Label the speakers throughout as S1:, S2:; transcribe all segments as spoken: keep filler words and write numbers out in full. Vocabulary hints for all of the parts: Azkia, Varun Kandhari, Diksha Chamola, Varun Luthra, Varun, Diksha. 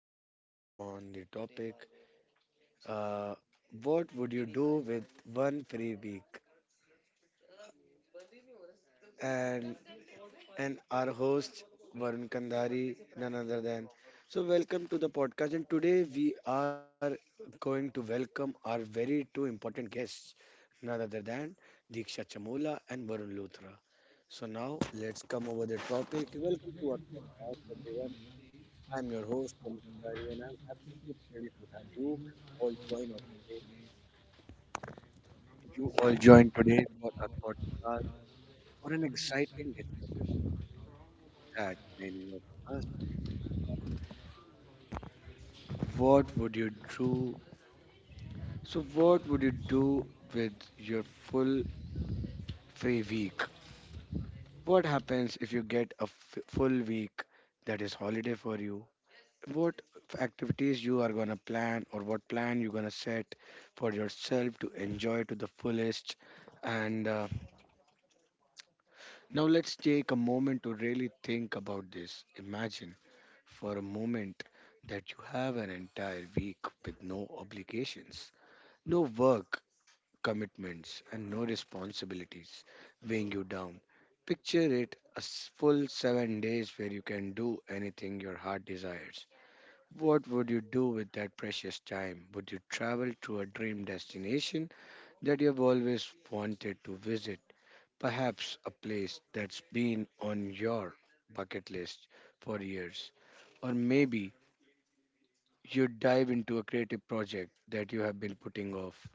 S1: podcast on the topic uh, what would you do with one free week? And and our host Varun Kandhari, none other than. So, welcome to the podcast. And today we are going to welcome our very two important guests, none other than Diksha Chamola and Varun Luthra. So, now let's come over the topic. Welcome to our podcast, everyone. I'm your host, Varun Kandhari, and I'm absolutely thrilled to have you all join us today. You all join today for our podcast
S2: Uh,
S1: for an exciting discussion that many of us. What would you do? So, what would you do with your full free week? What happens if you get a f- full week that is holiday for you? What activities you are gonna plan or what plan you're gonna set for yourself to enjoy to the fullest? And uh, Now let's take a moment to really think about this. Imagine for a moment that you have an entire week with no obligations, no work commitments and no responsibilities weighing you down. Picture it a s- full seven days where you can do anything your heart desires. What would you do with that precious time? Would you travel to a dream destination that you've always wanted to visit? Perhaps a place that's been on your bucket list for years. Or maybe you'd dive into a creative project that you have been putting off.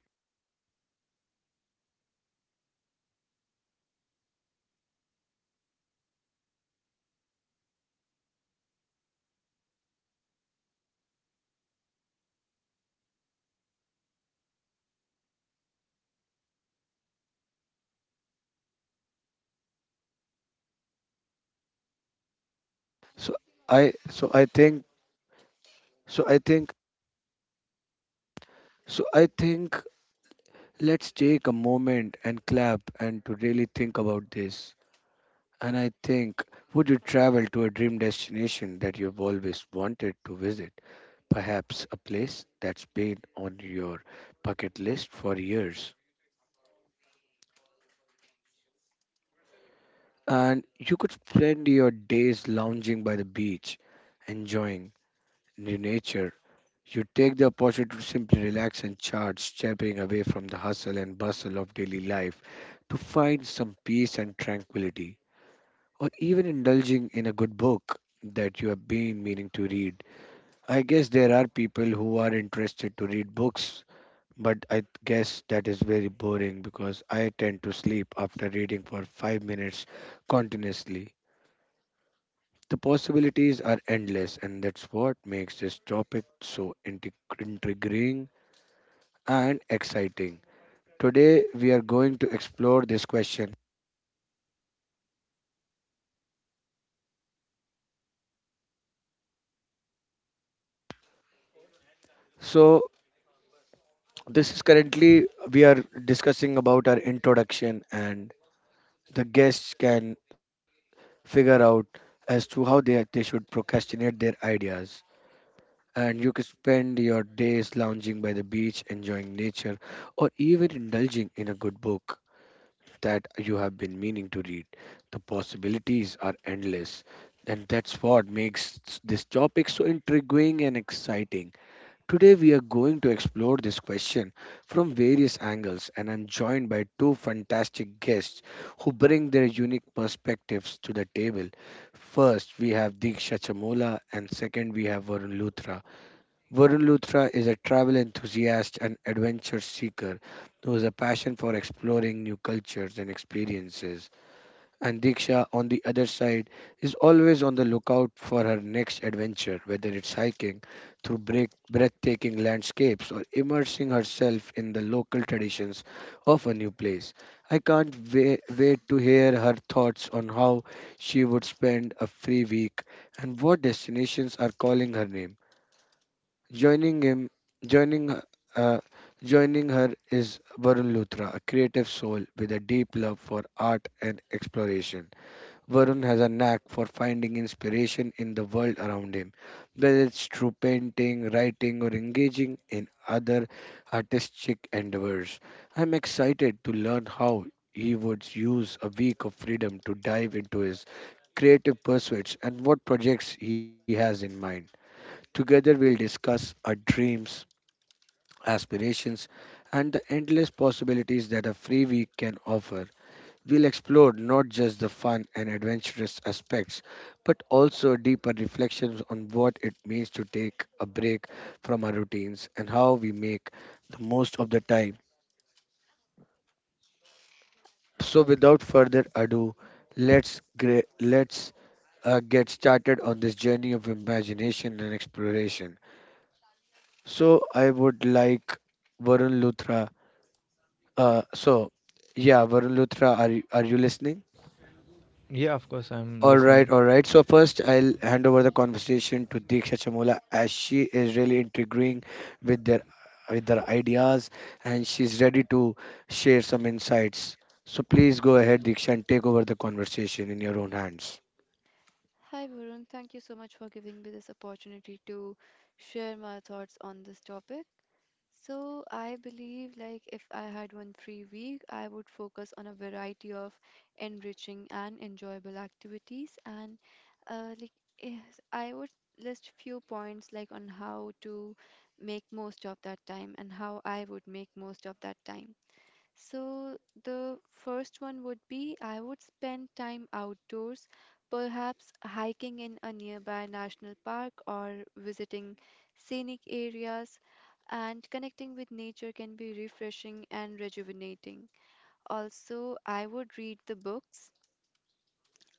S1: So I so I think so I think So I think let's take a moment and clap and to really think about this. And I think, would you travel to a dream destination that you've always wanted to visit? Perhaps a place that's been on your bucket list for years. And you could spend your days lounging by the beach, enjoying the nature. You take the opportunity to simply relax and charge, stepping away from the hustle and bustle of daily life to find some peace and tranquility, or even indulging in a good book that you have been meaning to read. I guess there are people who are interested to read books, but I guess that is very boring because I tend to sleep after reading for five minutes continuously. The possibilities are endless, and that's what makes this topic so intrig- intriguing and exciting. Today we are going to explore this question. So this is currently we are discussing about our introduction and the guests can figure out as to how they they should procrastinate their ideas. And you can spend your days lounging by the beach, enjoying nature, or even indulging in a good book that you have been meaning to read. The possibilities are endless, and that's what makes this topic so intriguing and exciting. Today, we are going to explore this question from various angles, and I'm joined by two fantastic guests who bring their unique perspectives to the table. First, we have Diksha Chamola, and second, we have Varun Luthra. Varun Luthra is a travel enthusiast and adventure seeker who has a passion for exploring new cultures and experiences. And Diksha, on the other side, is always on the lookout for her next adventure, whether it's hiking through break, breathtaking landscapes or immersing herself in the local traditions of a new place. I can't wait, wait to hear her thoughts on how she would spend a free week and what destinations are calling her name. Joining him, joining h- uh, Joining her is Varun Luthra, a creative soul with a deep love for art and exploration. Varun has a knack for finding inspiration in the world around him, whether it's through painting, writing, or engaging in other artistic endeavors. I'm excited to learn how he would use a week of freedom to dive into his creative pursuits and what projects he has in mind. Together, we'll discuss our dreams, aspirations, and the endless possibilities that a free week can offer. We'll explore not just the fun and adventurous aspects, but also deeper reflections on what it means to take a break from our routines and how we make the most of the time. So, without
S3: Okay.
S1: further ado, let's gra- let's uh, get started on this journey of imagination and exploration. So, I would like Varun Luthra. Uh, so, yeah, Varun Luthra, are you, are you listening?
S2: Yeah, of course,
S1: All
S2: I'm
S1: right, all
S2: listening.
S1: right. So first, I'll hand over the conversation to Diksha Chamola as she is really intriguing with their with their ideas and she's ready to share some insights. So please go ahead, Diksha, and take over the conversation in your own hands.
S3: Hi, Varun. Thank you so much for giving me this opportunity to share my thoughts on this topic. So, I believe like if I had one free week, I would focus on a variety of enriching and enjoyable activities and uh, like yes, I would list few points like on how to make most of that time and how I would make most of that time. So, the first one would be I would spend time outdoors, perhaps hiking in a nearby national park or visiting scenic areas, and connecting with nature can be refreshing and rejuvenating. Also, I would read the books.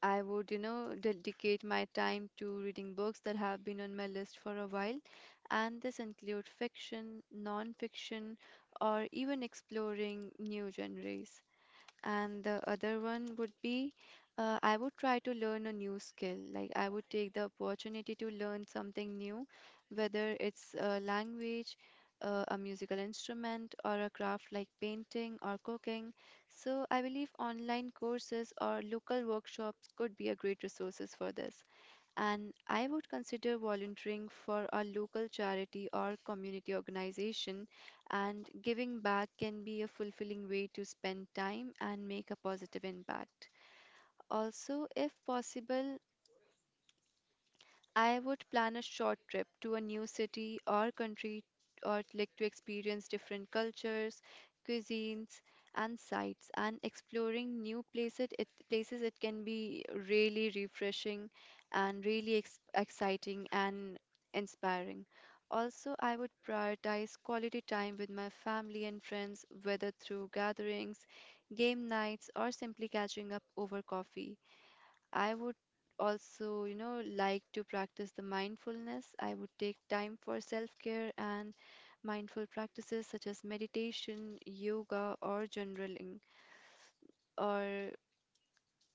S3: I would, you know, dedicate my time to reading books that have been on my list for a while, and this include fiction, non-fiction, or even exploring new genres and the other one would be uh, I would try to learn a new skill. Like I would take the opportunity to learn something new, whether it's a language, uh, a musical instrument, or a craft like painting or cooking. So I believe online courses or local workshops could be a great resources for this and I would consider volunteering for a local charity or community organization. And giving back can be a fulfilling way to spend time and make a positive impact. Also, if possible, I would plan a short trip to a new city or country or like to experience different cultures, cuisines and sites and exploring new places it places it can be really refreshing and really ex exciting and inspiring. Also, I would prioritize quality time with my family and friends, whether through gatherings, game nights, or simply catching up over coffee. I would also, you know, like to practice the mindfulness. I would take time for self-care and mindful practices such as meditation, yoga, or journaling, or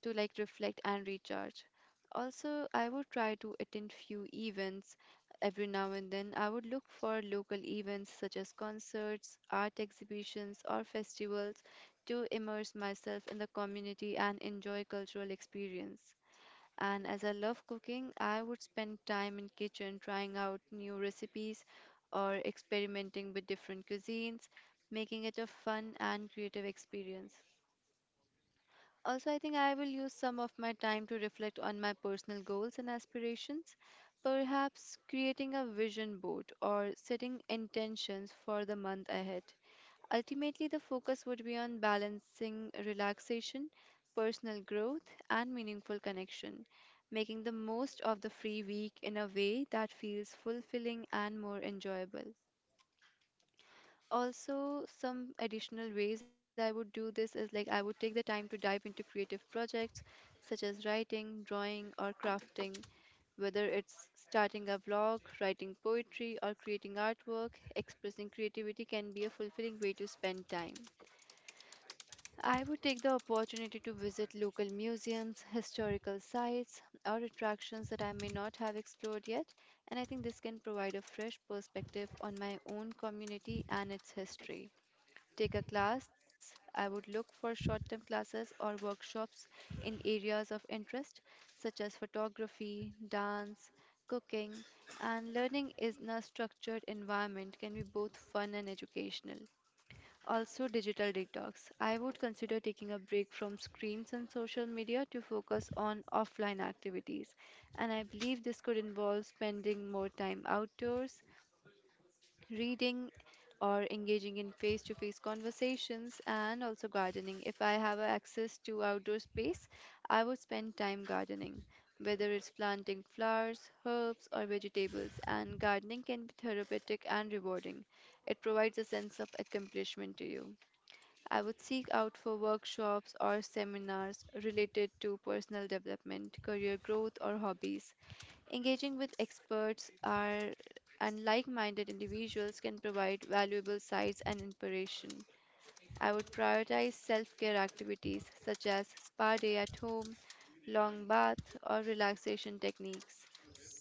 S3: to like reflect and recharge. Also, I would try to attend few events every now and then. I would look for local events such as concerts, art exhibitions, or festivals to immerse myself in the community and enjoy cultural experience and as I love cooking, I would spend time in kitchen trying out new recipes or experimenting with different cuisines, making it a fun and creative experience. Also, I think I will use some of my time to reflect on my personal goals and aspirations, perhaps creating a vision board or setting intentions for the month ahead. Ultimately, the focus would be on balancing relaxation, personal growth, and meaningful connection, making the most of the free week in a way that feels fulfilling and more enjoyable. Also, some additional ways I would do this is like I would take the time to dive into creative projects such as writing, drawing, or crafting. Whether it's starting a vlog, writing poetry, or creating artwork, expressing creativity can be a fulfilling way to spend time. I would take the opportunity to visit local museums, historical sites, or attractions that I may not have explored yet, and I think this can provide a fresh perspective on my own community and its history. Take a class, I would look for short term classes or workshops in areas of interest such as photography, dance, cooking, and learning in a structured environment can be both fun and educational. Also, digital detox. I would consider taking a break from screens and social media to focus on offline activities. And I believe this could involve spending more time outdoors, reading, or engaging in face to face conversations, and also gardening. If I have a access to outdoor space, I would spend time gardening, whether it's planting flowers, herbs, or vegetables. And gardening can be therapeutic and rewarding. It provides a sense of accomplishment to you. I would seek out for workshops or seminars related to personal development, career growth, or hobbies. Engaging with experts are and like minded individuals can provide valuable sights and inspiration. I would prioritize self care activities such as spa day at home, long bath, or relaxation techniques.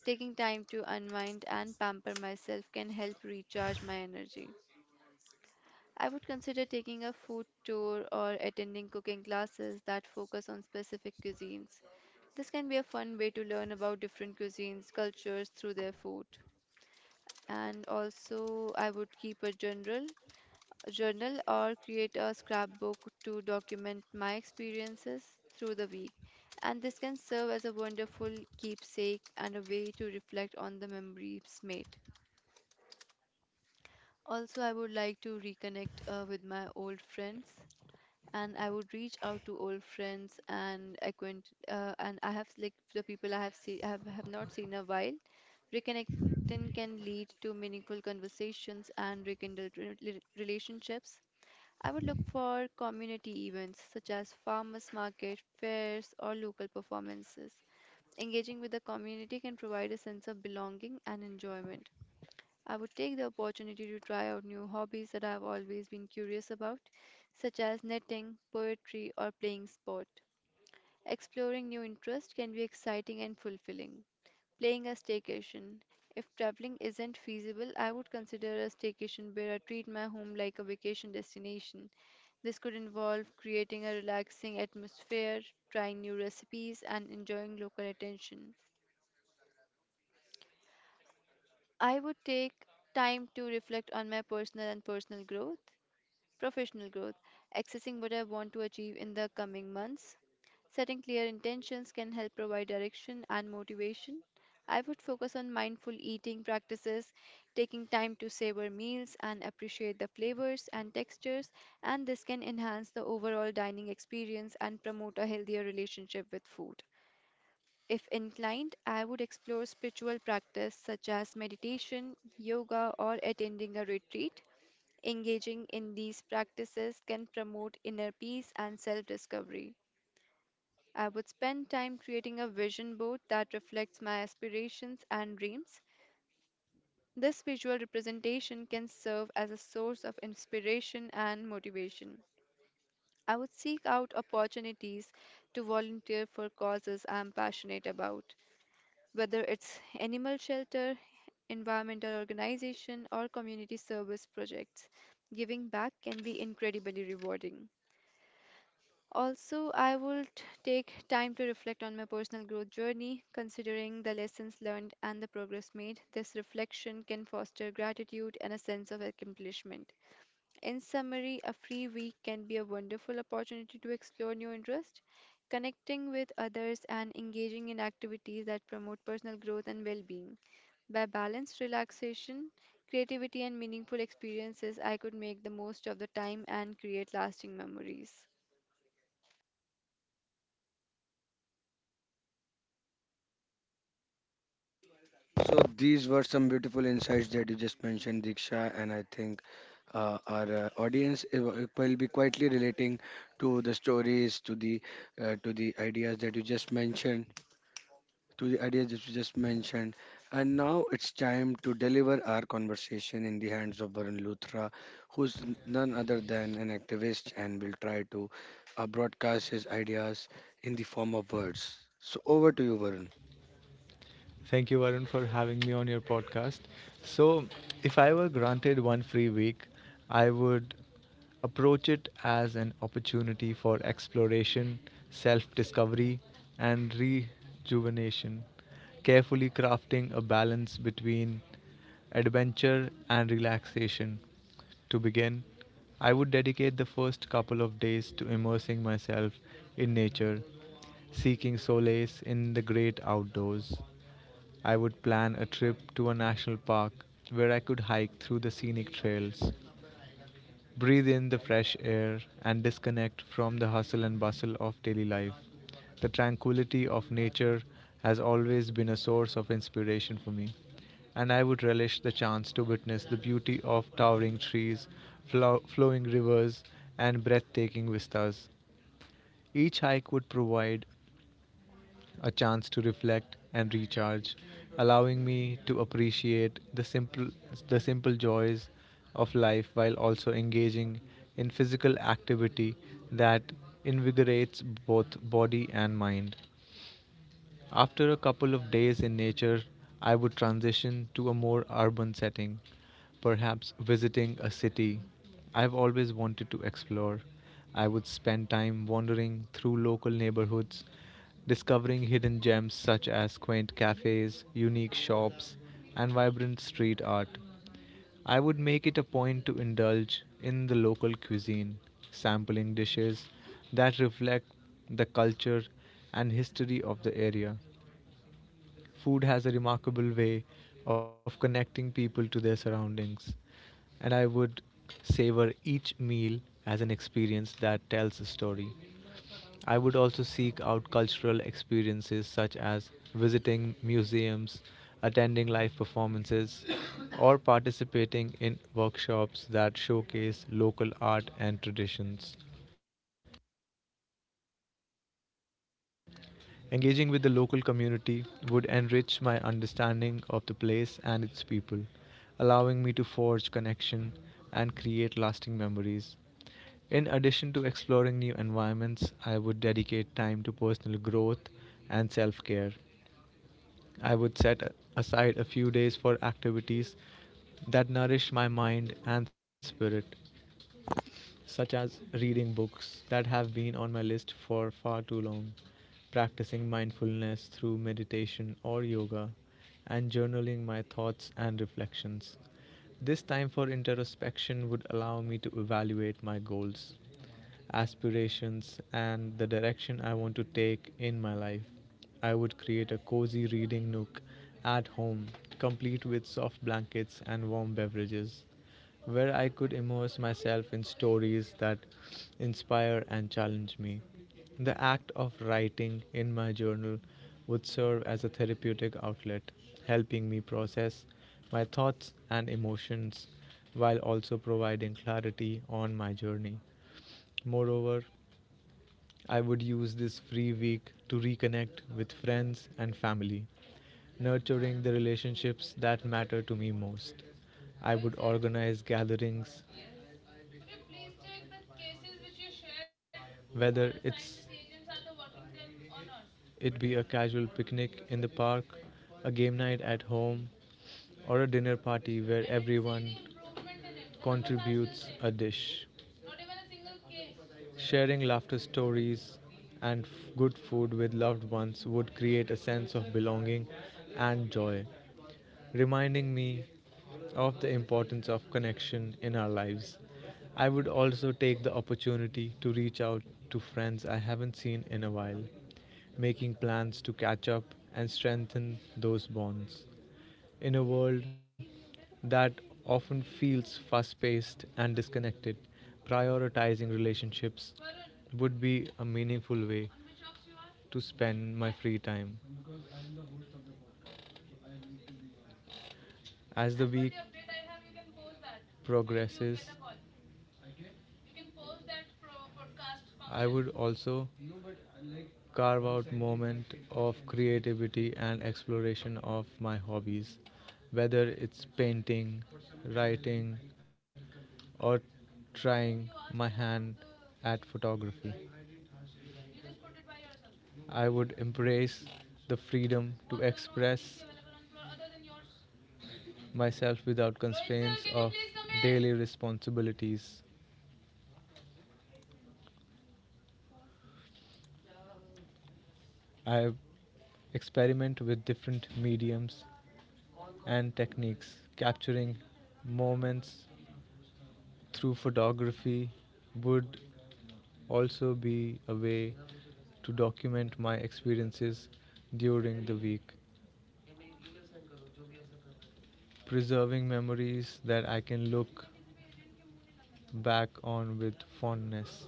S3: Taking time to unwind and pamper myself can help recharge my energy. I would consider taking a food tour or attending cooking classes that focus on specific cuisines. This can be a fun way to learn about different cuisines, cultures through their food. And also, I would keep a general a journal or create a scrapbook to document my experiences through the week. And this can serve as a wonderful keepsake and a way to reflect on the memories made. Also, I would like to reconnect uh, with my old friends and I would reach out to old friends and acquaint uh, and I have like the people I have see have, have not seen a while. Reconnecting can lead to meaningful conversations and rekindled re- re- relationships. I would look for community events such as farmers market, fairs, or local performances. Engaging with the community can provide a sense of belonging and enjoyment. I would take the opportunity to try out new hobbies that I have always been curious about, such as knitting, poetry, or playing sport. Exploring new interests can be exciting and fulfilling. Playing a staycation. If traveling isn't feasible, I would consider a staycation where I treat my home like a vacation destination. This could involve creating a relaxing atmosphere, trying new recipes, and enjoying local attention. I would take time to reflect on my personal and personal growth. Professional growth, accessing what I want to achieve in the coming months. Setting clear intentions can help provide direction and motivation. I would focus on mindful eating practices, taking time to savor meals and appreciate the flavors and textures, and this can enhance the overall dining experience and promote a healthier relationship with food. If inclined, I would explore spiritual practice such as meditation, yoga, or attending a retreat. Engaging in these practices can promote inner peace and self discovery. I would spend time creating a vision board that reflects my aspirations and dreams. This visual representation can serve as a source of inspiration and motivation. I would seek out opportunities to volunteer for causes I am passionate about, whether it's animal shelter, environmental organization, or community service projects. Giving back can be incredibly rewarding. Also, I would take time to reflect on my personal growth journey, considering the lessons learned and the progress made. This reflection can foster gratitude and a sense of accomplishment. In summary, a free week can be a wonderful opportunity to explore new interests, connecting with others, and engaging in activities that promote personal growth and well being. By balanced relaxation, creativity, and meaningful experiences, I could make the most of the time and create lasting memories.
S1: So these were some beautiful insights that you just mentioned, Diksha, and I think uh, our uh, audience i- wi- will be quietly relating to the stories, to the uh, to the ideas that you just mentioned. To the ideas that you just mentioned. And now it's time to deliver our conversation in the hands of Varun Luthra, who's n- none other than an activist and will try to uh, broadcast his ideas in the form of words. So over to you, Varun.
S2: Thank you, Varun, for having me on your podcast. So, if I were granted one free week, I would approach it as an opportunity for exploration, self discovery, and rejuvenation, carefully crafting a balance between adventure and relaxation. To begin, I would dedicate the first couple of days to immersing myself in nature, seeking solace in the great outdoors. I would plan a trip to a national park where I could hike through the scenic trails, breathe in the fresh air, and disconnect from the hustle and bustle of daily life. The tranquility of nature has always been a source of inspiration for me, and I would relish the chance to witness the beauty of towering trees, flow- flowing rivers, and breathtaking vistas. Each hike would provide a chance to reflect and recharge, allowing me to appreciate the simple the simple joys of life while also engaging in physical activity that invigorates both body and mind. After a couple of days in nature, I would transition to a more urban setting, perhaps visiting a city I've always wanted to explore. I would spend time wandering through local neighborhoods, discovering hidden gems such as quaint cafes, unique shops, and vibrant street art. I would make it a point to indulge in the local cuisine, sampling dishes that reflect the culture and history of the area. Food has a remarkable way of connecting people to their surroundings, and I would savor each meal as an experience that tells a story. I would also seek out cultural experiences such as visiting museums, attending live performances, or participating in workshops that showcase local art and traditions. Engaging with the local community would enrich my understanding of the place and its people, allowing me to forge connection and create lasting memories. In addition to exploring new environments, I would dedicate time to personal growth and self care. I would set a- aside a few days for activities that nourish my mind and spirit, such as reading books that have been on my list for far too long, practicing mindfulness through meditation or yoga, and journaling my thoughts and reflections. This time for introspection would allow me to evaluate my goals, aspirations, and the direction I want to take in my life. I would create a cozy reading nook at home, complete with soft blankets and warm beverages, where I could immerse myself in stories that inspire and challenge me. The act of writing in my journal would serve as a therapeutic outlet, helping me process my thoughts and emotions while also providing clarity on my journey. Moreover, I would use this free week to reconnect with friends and family, nurturing the relationships that matter to me most. I would organize gatherings, whether it's it be a casual picnic in the park, a game night at home, or a dinner party where everyone contributes a dish. Sharing laughter, stories, and f- good food with loved ones would create a sense of belonging and joy, reminding me of the importance of connection in our lives. I would also take the opportunity to reach out to friends I haven't seen in a while, making plans to catch up and strengthen those bonds. In a world that often feels fast paced and disconnected, prioritizing relationships would be a meaningful way to spend my free time. As the week progresses, I would content. Also carve out moment of creativity and exploration of my hobbies, whether it's painting, writing, or trying my hand at photography. I would embrace the freedom to express myself without constraints of daily responsibilities. I Experiment with different mediums and techniques, capturing moments through photography would also be a way to document my experiences during the week, preserving memories that I can look back on with fondness.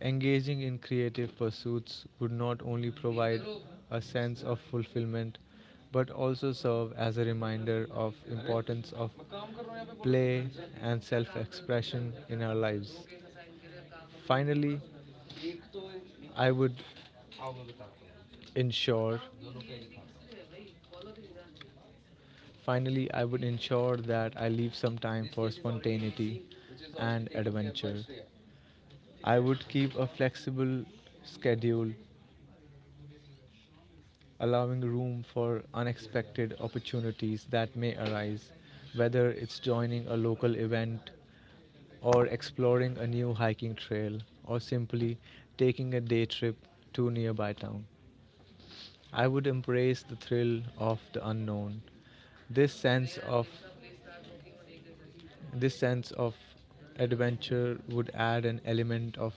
S2: Engaging in creative pursuits would not only provide a sense of fulfillment but also serve as a reminder of importance of play and self-expression in our lives. Finally, I would ensure Finally, I would ensure that I leave some time for spontaneity and adventure. I would keep a flexible schedule, allowing room for unexpected opportunities that may arise, whether it's joining a local event or exploring a new hiking trail or simply taking a day trip to a nearby town. I would embrace the thrill of the unknown. This sense of This sense of adventure would add an element of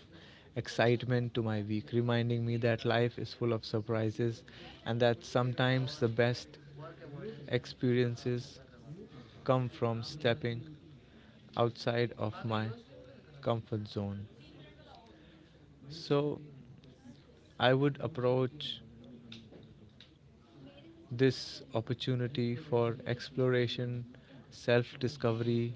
S2: excitement to my week, reminding me that life is full of surprises and that sometimes the best experiences come from stepping outside of my comfort zone. So I would approach this opportunity for exploration, self discovery,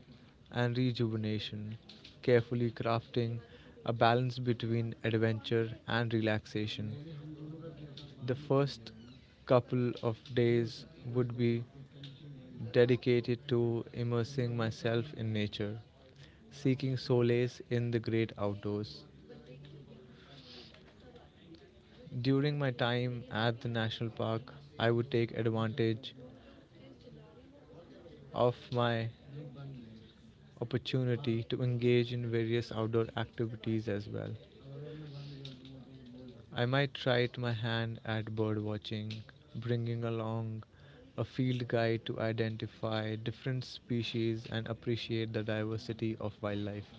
S2: and rejuvenation, carefully crafting a balance between adventure and relaxation. The first couple of days would be dedicated to immersing myself in nature, seeking solace in the great outdoors. During my time at the national park, I would take advantage of my opportunity to engage in various outdoor activities as well. I might try it my hand at bird watching, bringing along a field guide to identify different species and appreciate the diversity of wildlife.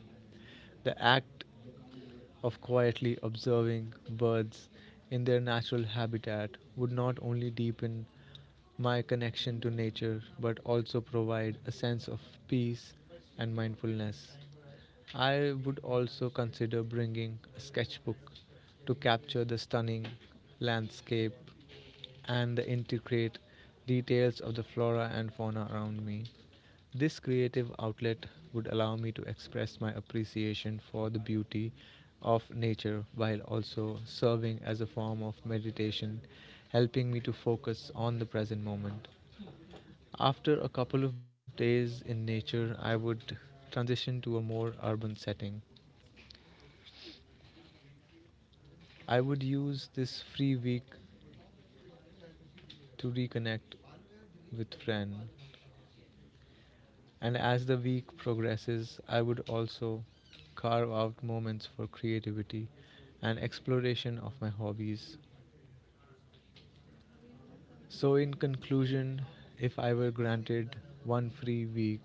S2: The act of quietly observing birds in their natural habitat would not only deepen my connection to nature, but also provide a sense of peace and mindfulness. I would also consider bringing a sketchbook to capture the stunning landscape and the intricate details of the flora and fauna around me. This creative outlet would allow me to express my appreciation for the beauty of nature while also serving as a form of meditation, helping me to focus on the present moment. After a couple of days in nature, I would transition to a more urban setting. I would use this free week to reconnect with friends. And as the week progresses, I would also carve out moments for creativity and exploration of my hobbies. So, in conclusion, if I were granted one free week,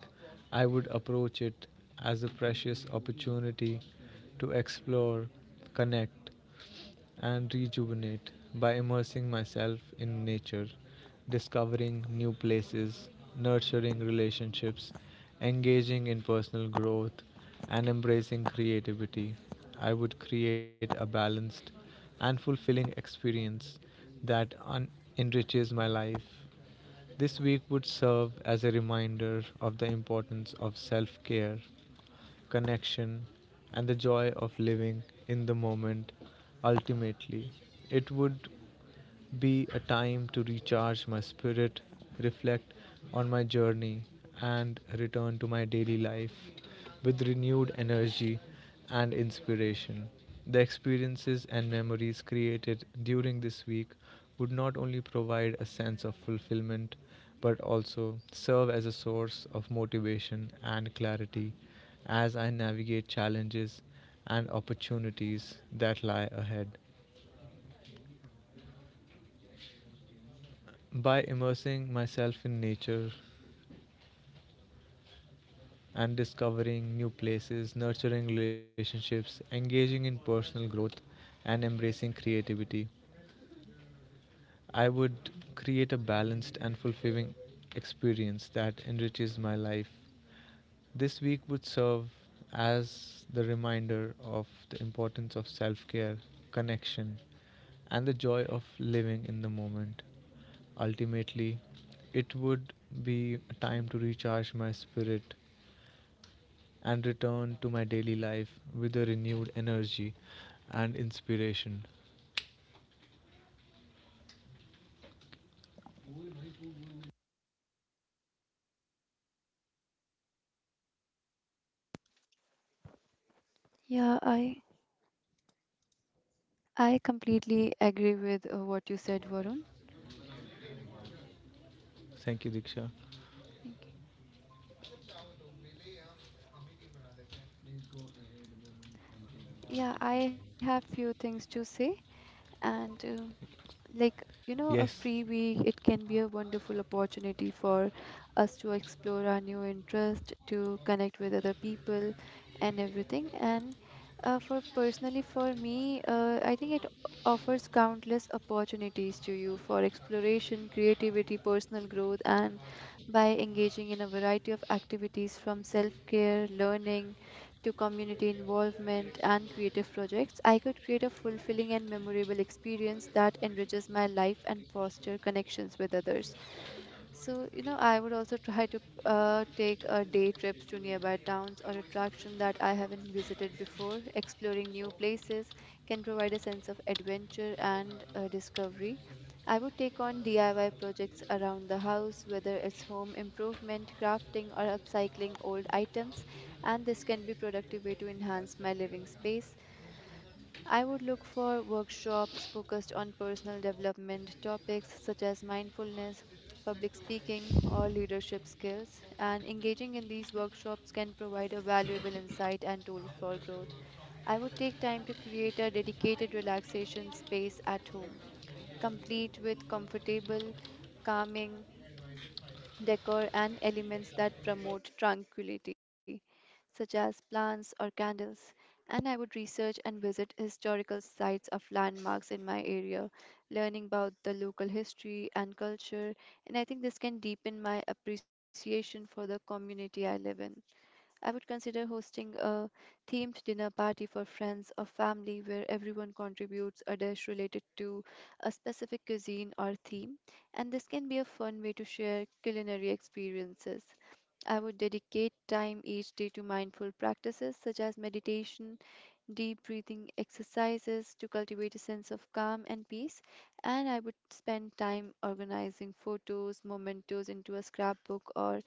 S2: I would approach it as a precious opportunity to explore, connect, and rejuvenate by immersing myself in nature, discovering new places, nurturing relationships, engaging in personal growth, and embracing creativity. I would create a balanced and fulfilling experience that un- enriches my life. This week would serve as a reminder of the importance of self care, connection, and the joy of living in the moment. Ultimately, it would be a time to recharge my spirit, reflect on my journey, and return to my daily life with renewed energy and inspiration. The experiences and memories created during this week would not only provide a sense of fulfillment but also serve as a source of motivation and clarity as I navigate challenges and opportunities that lie ahead. By immersing myself in nature and discovering new places, nurturing relationships, engaging in personal growth, and embracing creativity, I would create a balanced and fulfilling experience that enriches my life. This week would serve as the reminder of the importance of self care, connection, and the joy of living in the moment. Ultimately, it would be a time to recharge my spirit and return to my daily life with a renewed energy and inspiration.
S3: Yeah, I I completely agree with uh, what you said, Varun.
S2: Thank you, Diksha.
S3: Thank you. Yeah, I have few things to say, and uh, like you know a
S2: Yes.
S3: free week it can be a wonderful opportunity for us to explore our new interest to connect with other people and everything and uh, for personally for me uh, I think it offers countless opportunities to you for exploration creativity personal growth and by engaging in a variety of activities from self-care learning to community involvement and creative projects, I could create a fulfilling and memorable experience that enriches my life and foster connections with others. So, you know, I would also try to uh, take uh, day trips to nearby towns or attraction that I haven't visited before. Exploring new places can provide a sense of adventure and uh, discovery. I would take on D I Y projects around the house, whether it's home improvement, crafting, or upcycling old items, and this can be productive way to enhance my living space. I would look for workshops focused on personal development topics such as mindfulness, public speaking, or leadership skills. And engaging in these workshops can provide a valuable insight and tool for growth. I would take time to create a dedicated relaxation space at home, complete with comfortable, calming decor, and elements that promote tranquility, such as plants or candles. And I would research and visit historical sites of landmarks in my area, learning about the local history and culture. And I think this can deepen my appreciation for the community I live in. I would consider hosting a themed dinner party for friends or family where everyone contributes a dish related to a specific cuisine or theme, and this can be a fun way to share culinary experiences. I would dedicate time each day to mindful practices such as meditation, deep breathing exercises to cultivate a sense of calm and peace. And I would spend time organizing photos, mementos into a scrapbook or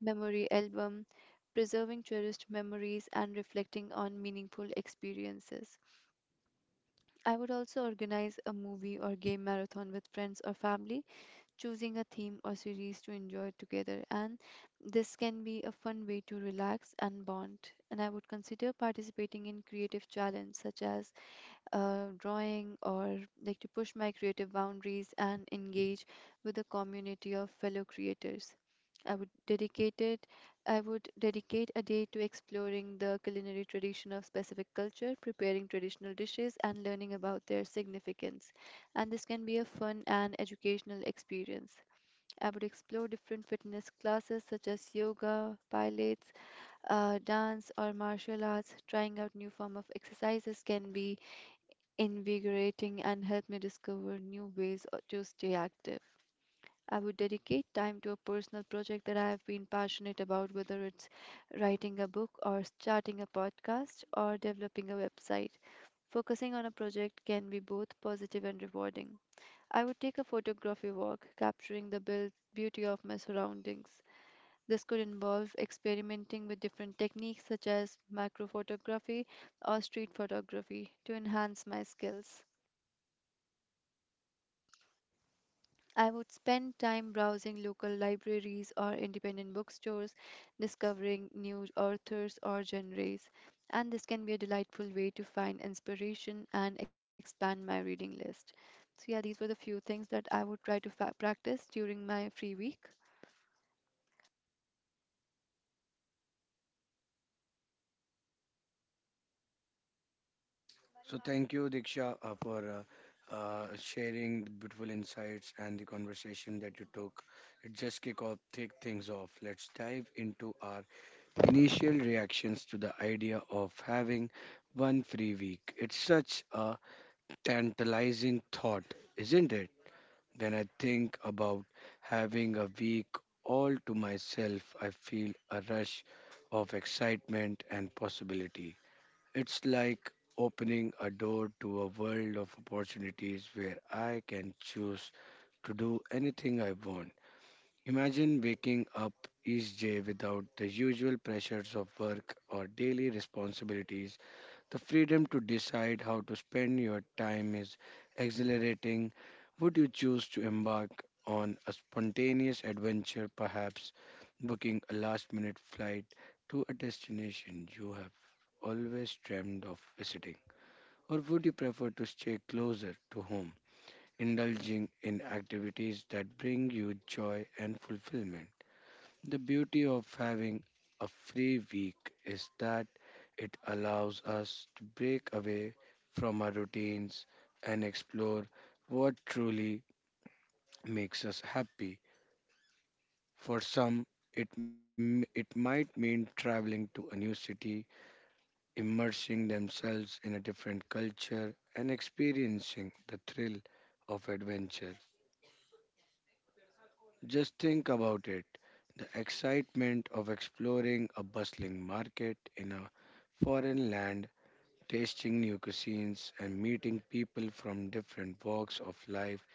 S3: memory album preserving cherished memories, and reflecting on meaningful experiences. I would also organize a movie or game marathon with friends or family, choosing a theme or series to enjoy together. And this can be a fun way to relax and bond. And I would consider participating in creative challenges such as uh, drawing or like to push my creative boundaries and engage with a community of fellow creators. I would dedicate it. I would dedicate a day to exploring the culinary tradition of specific culture, preparing traditional dishes, and learning about their significance. And this can be a fun and educational experience. I would explore different fitness classes such as yoga, pilates, uh, dance, or martial arts. Trying out new form of exercises can be invigorating, and helped me discover new ways uh, to stay active. I would dedicate time to a personal project that I have been passionate about, whether it's writing a book or starting a podcast or developing a website. Focusing on a project can be both positive and rewarding. I would take a photography walk, capturing the buil- beauty of my surroundings. This could involve experimenting with different techniques such as macro photography or street photography to enhance my skills. I would spend time browsing local libraries or independent bookstores, discovering new authors or genres, and this can be a delightful way to find inspiration and expand my reading list. So, yeah, these were the few things that I would try to fa- practice during my free week.
S1: So thank you, Diksha, uh, for uh, uh, sharing the beautiful insights and the conversation that you took. It just kick off, take things off. Let's dive into our initial reactions to the idea of having one free week. It's such a tantalizing thought, isn't it? When I think about having a week all to myself, I feel a rush of excitement and possibility. It's like opening a door to a world of opportunities where I can choose to do anything I want. Imagine waking up each day without the usual pressures of work or daily responsibilities. The freedom to decide how to spend your time is exhilarating. Would you choose to embark on a spontaneous adventure, perhaps booking a last minute flight to a destination you have always dreamed of visiting? Or would you prefer to stay closer to home, indulging in activities that bring you joy and fulfillment? The beauty of having a free week is that it allows us to break away from our routines and explore what truly makes us happy. For some, it, m- it might mean traveling to a new city, immersing themselves in a different culture, and experiencing the thrill of adventure. Just think about it, the excitement of exploring a bustling market in a foreign land, tasting new cuisines, and meeting people from different walks of life.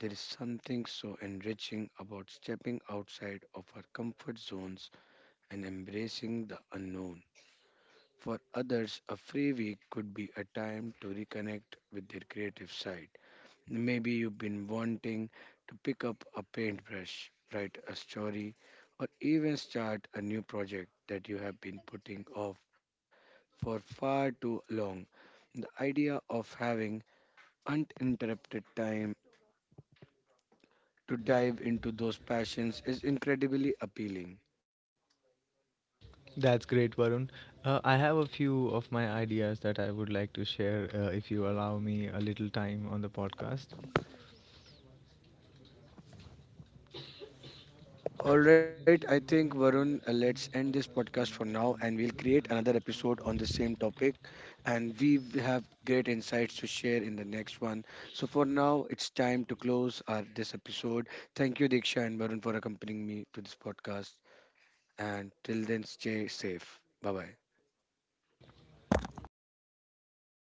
S1: There is something so enriching about stepping outside of our comfort zones and embracing the unknown. For others, a free week could be a time to reconnect with their creative side. Maybe you've been wanting to pick up a paintbrush, write a story, or even start a new project that you have been putting off for far too long. The idea of having uninterrupted time to dive into those passions is incredibly appealing.
S2: That's great, Varun. Uh, I have a few of my ideas that I would like to share, uh, if you allow me a little time on the podcast.
S1: All right, I think Varun, uh, let's end this podcast for now and we'll create another episode on the same topic. And we w- have great insights to share in the next one. So for now, it's time to close our, this episode. Thank you, Diksha and Varun, for accompanying me to this podcast. And till then, stay safe. Bye bye.
S2: Bye bye.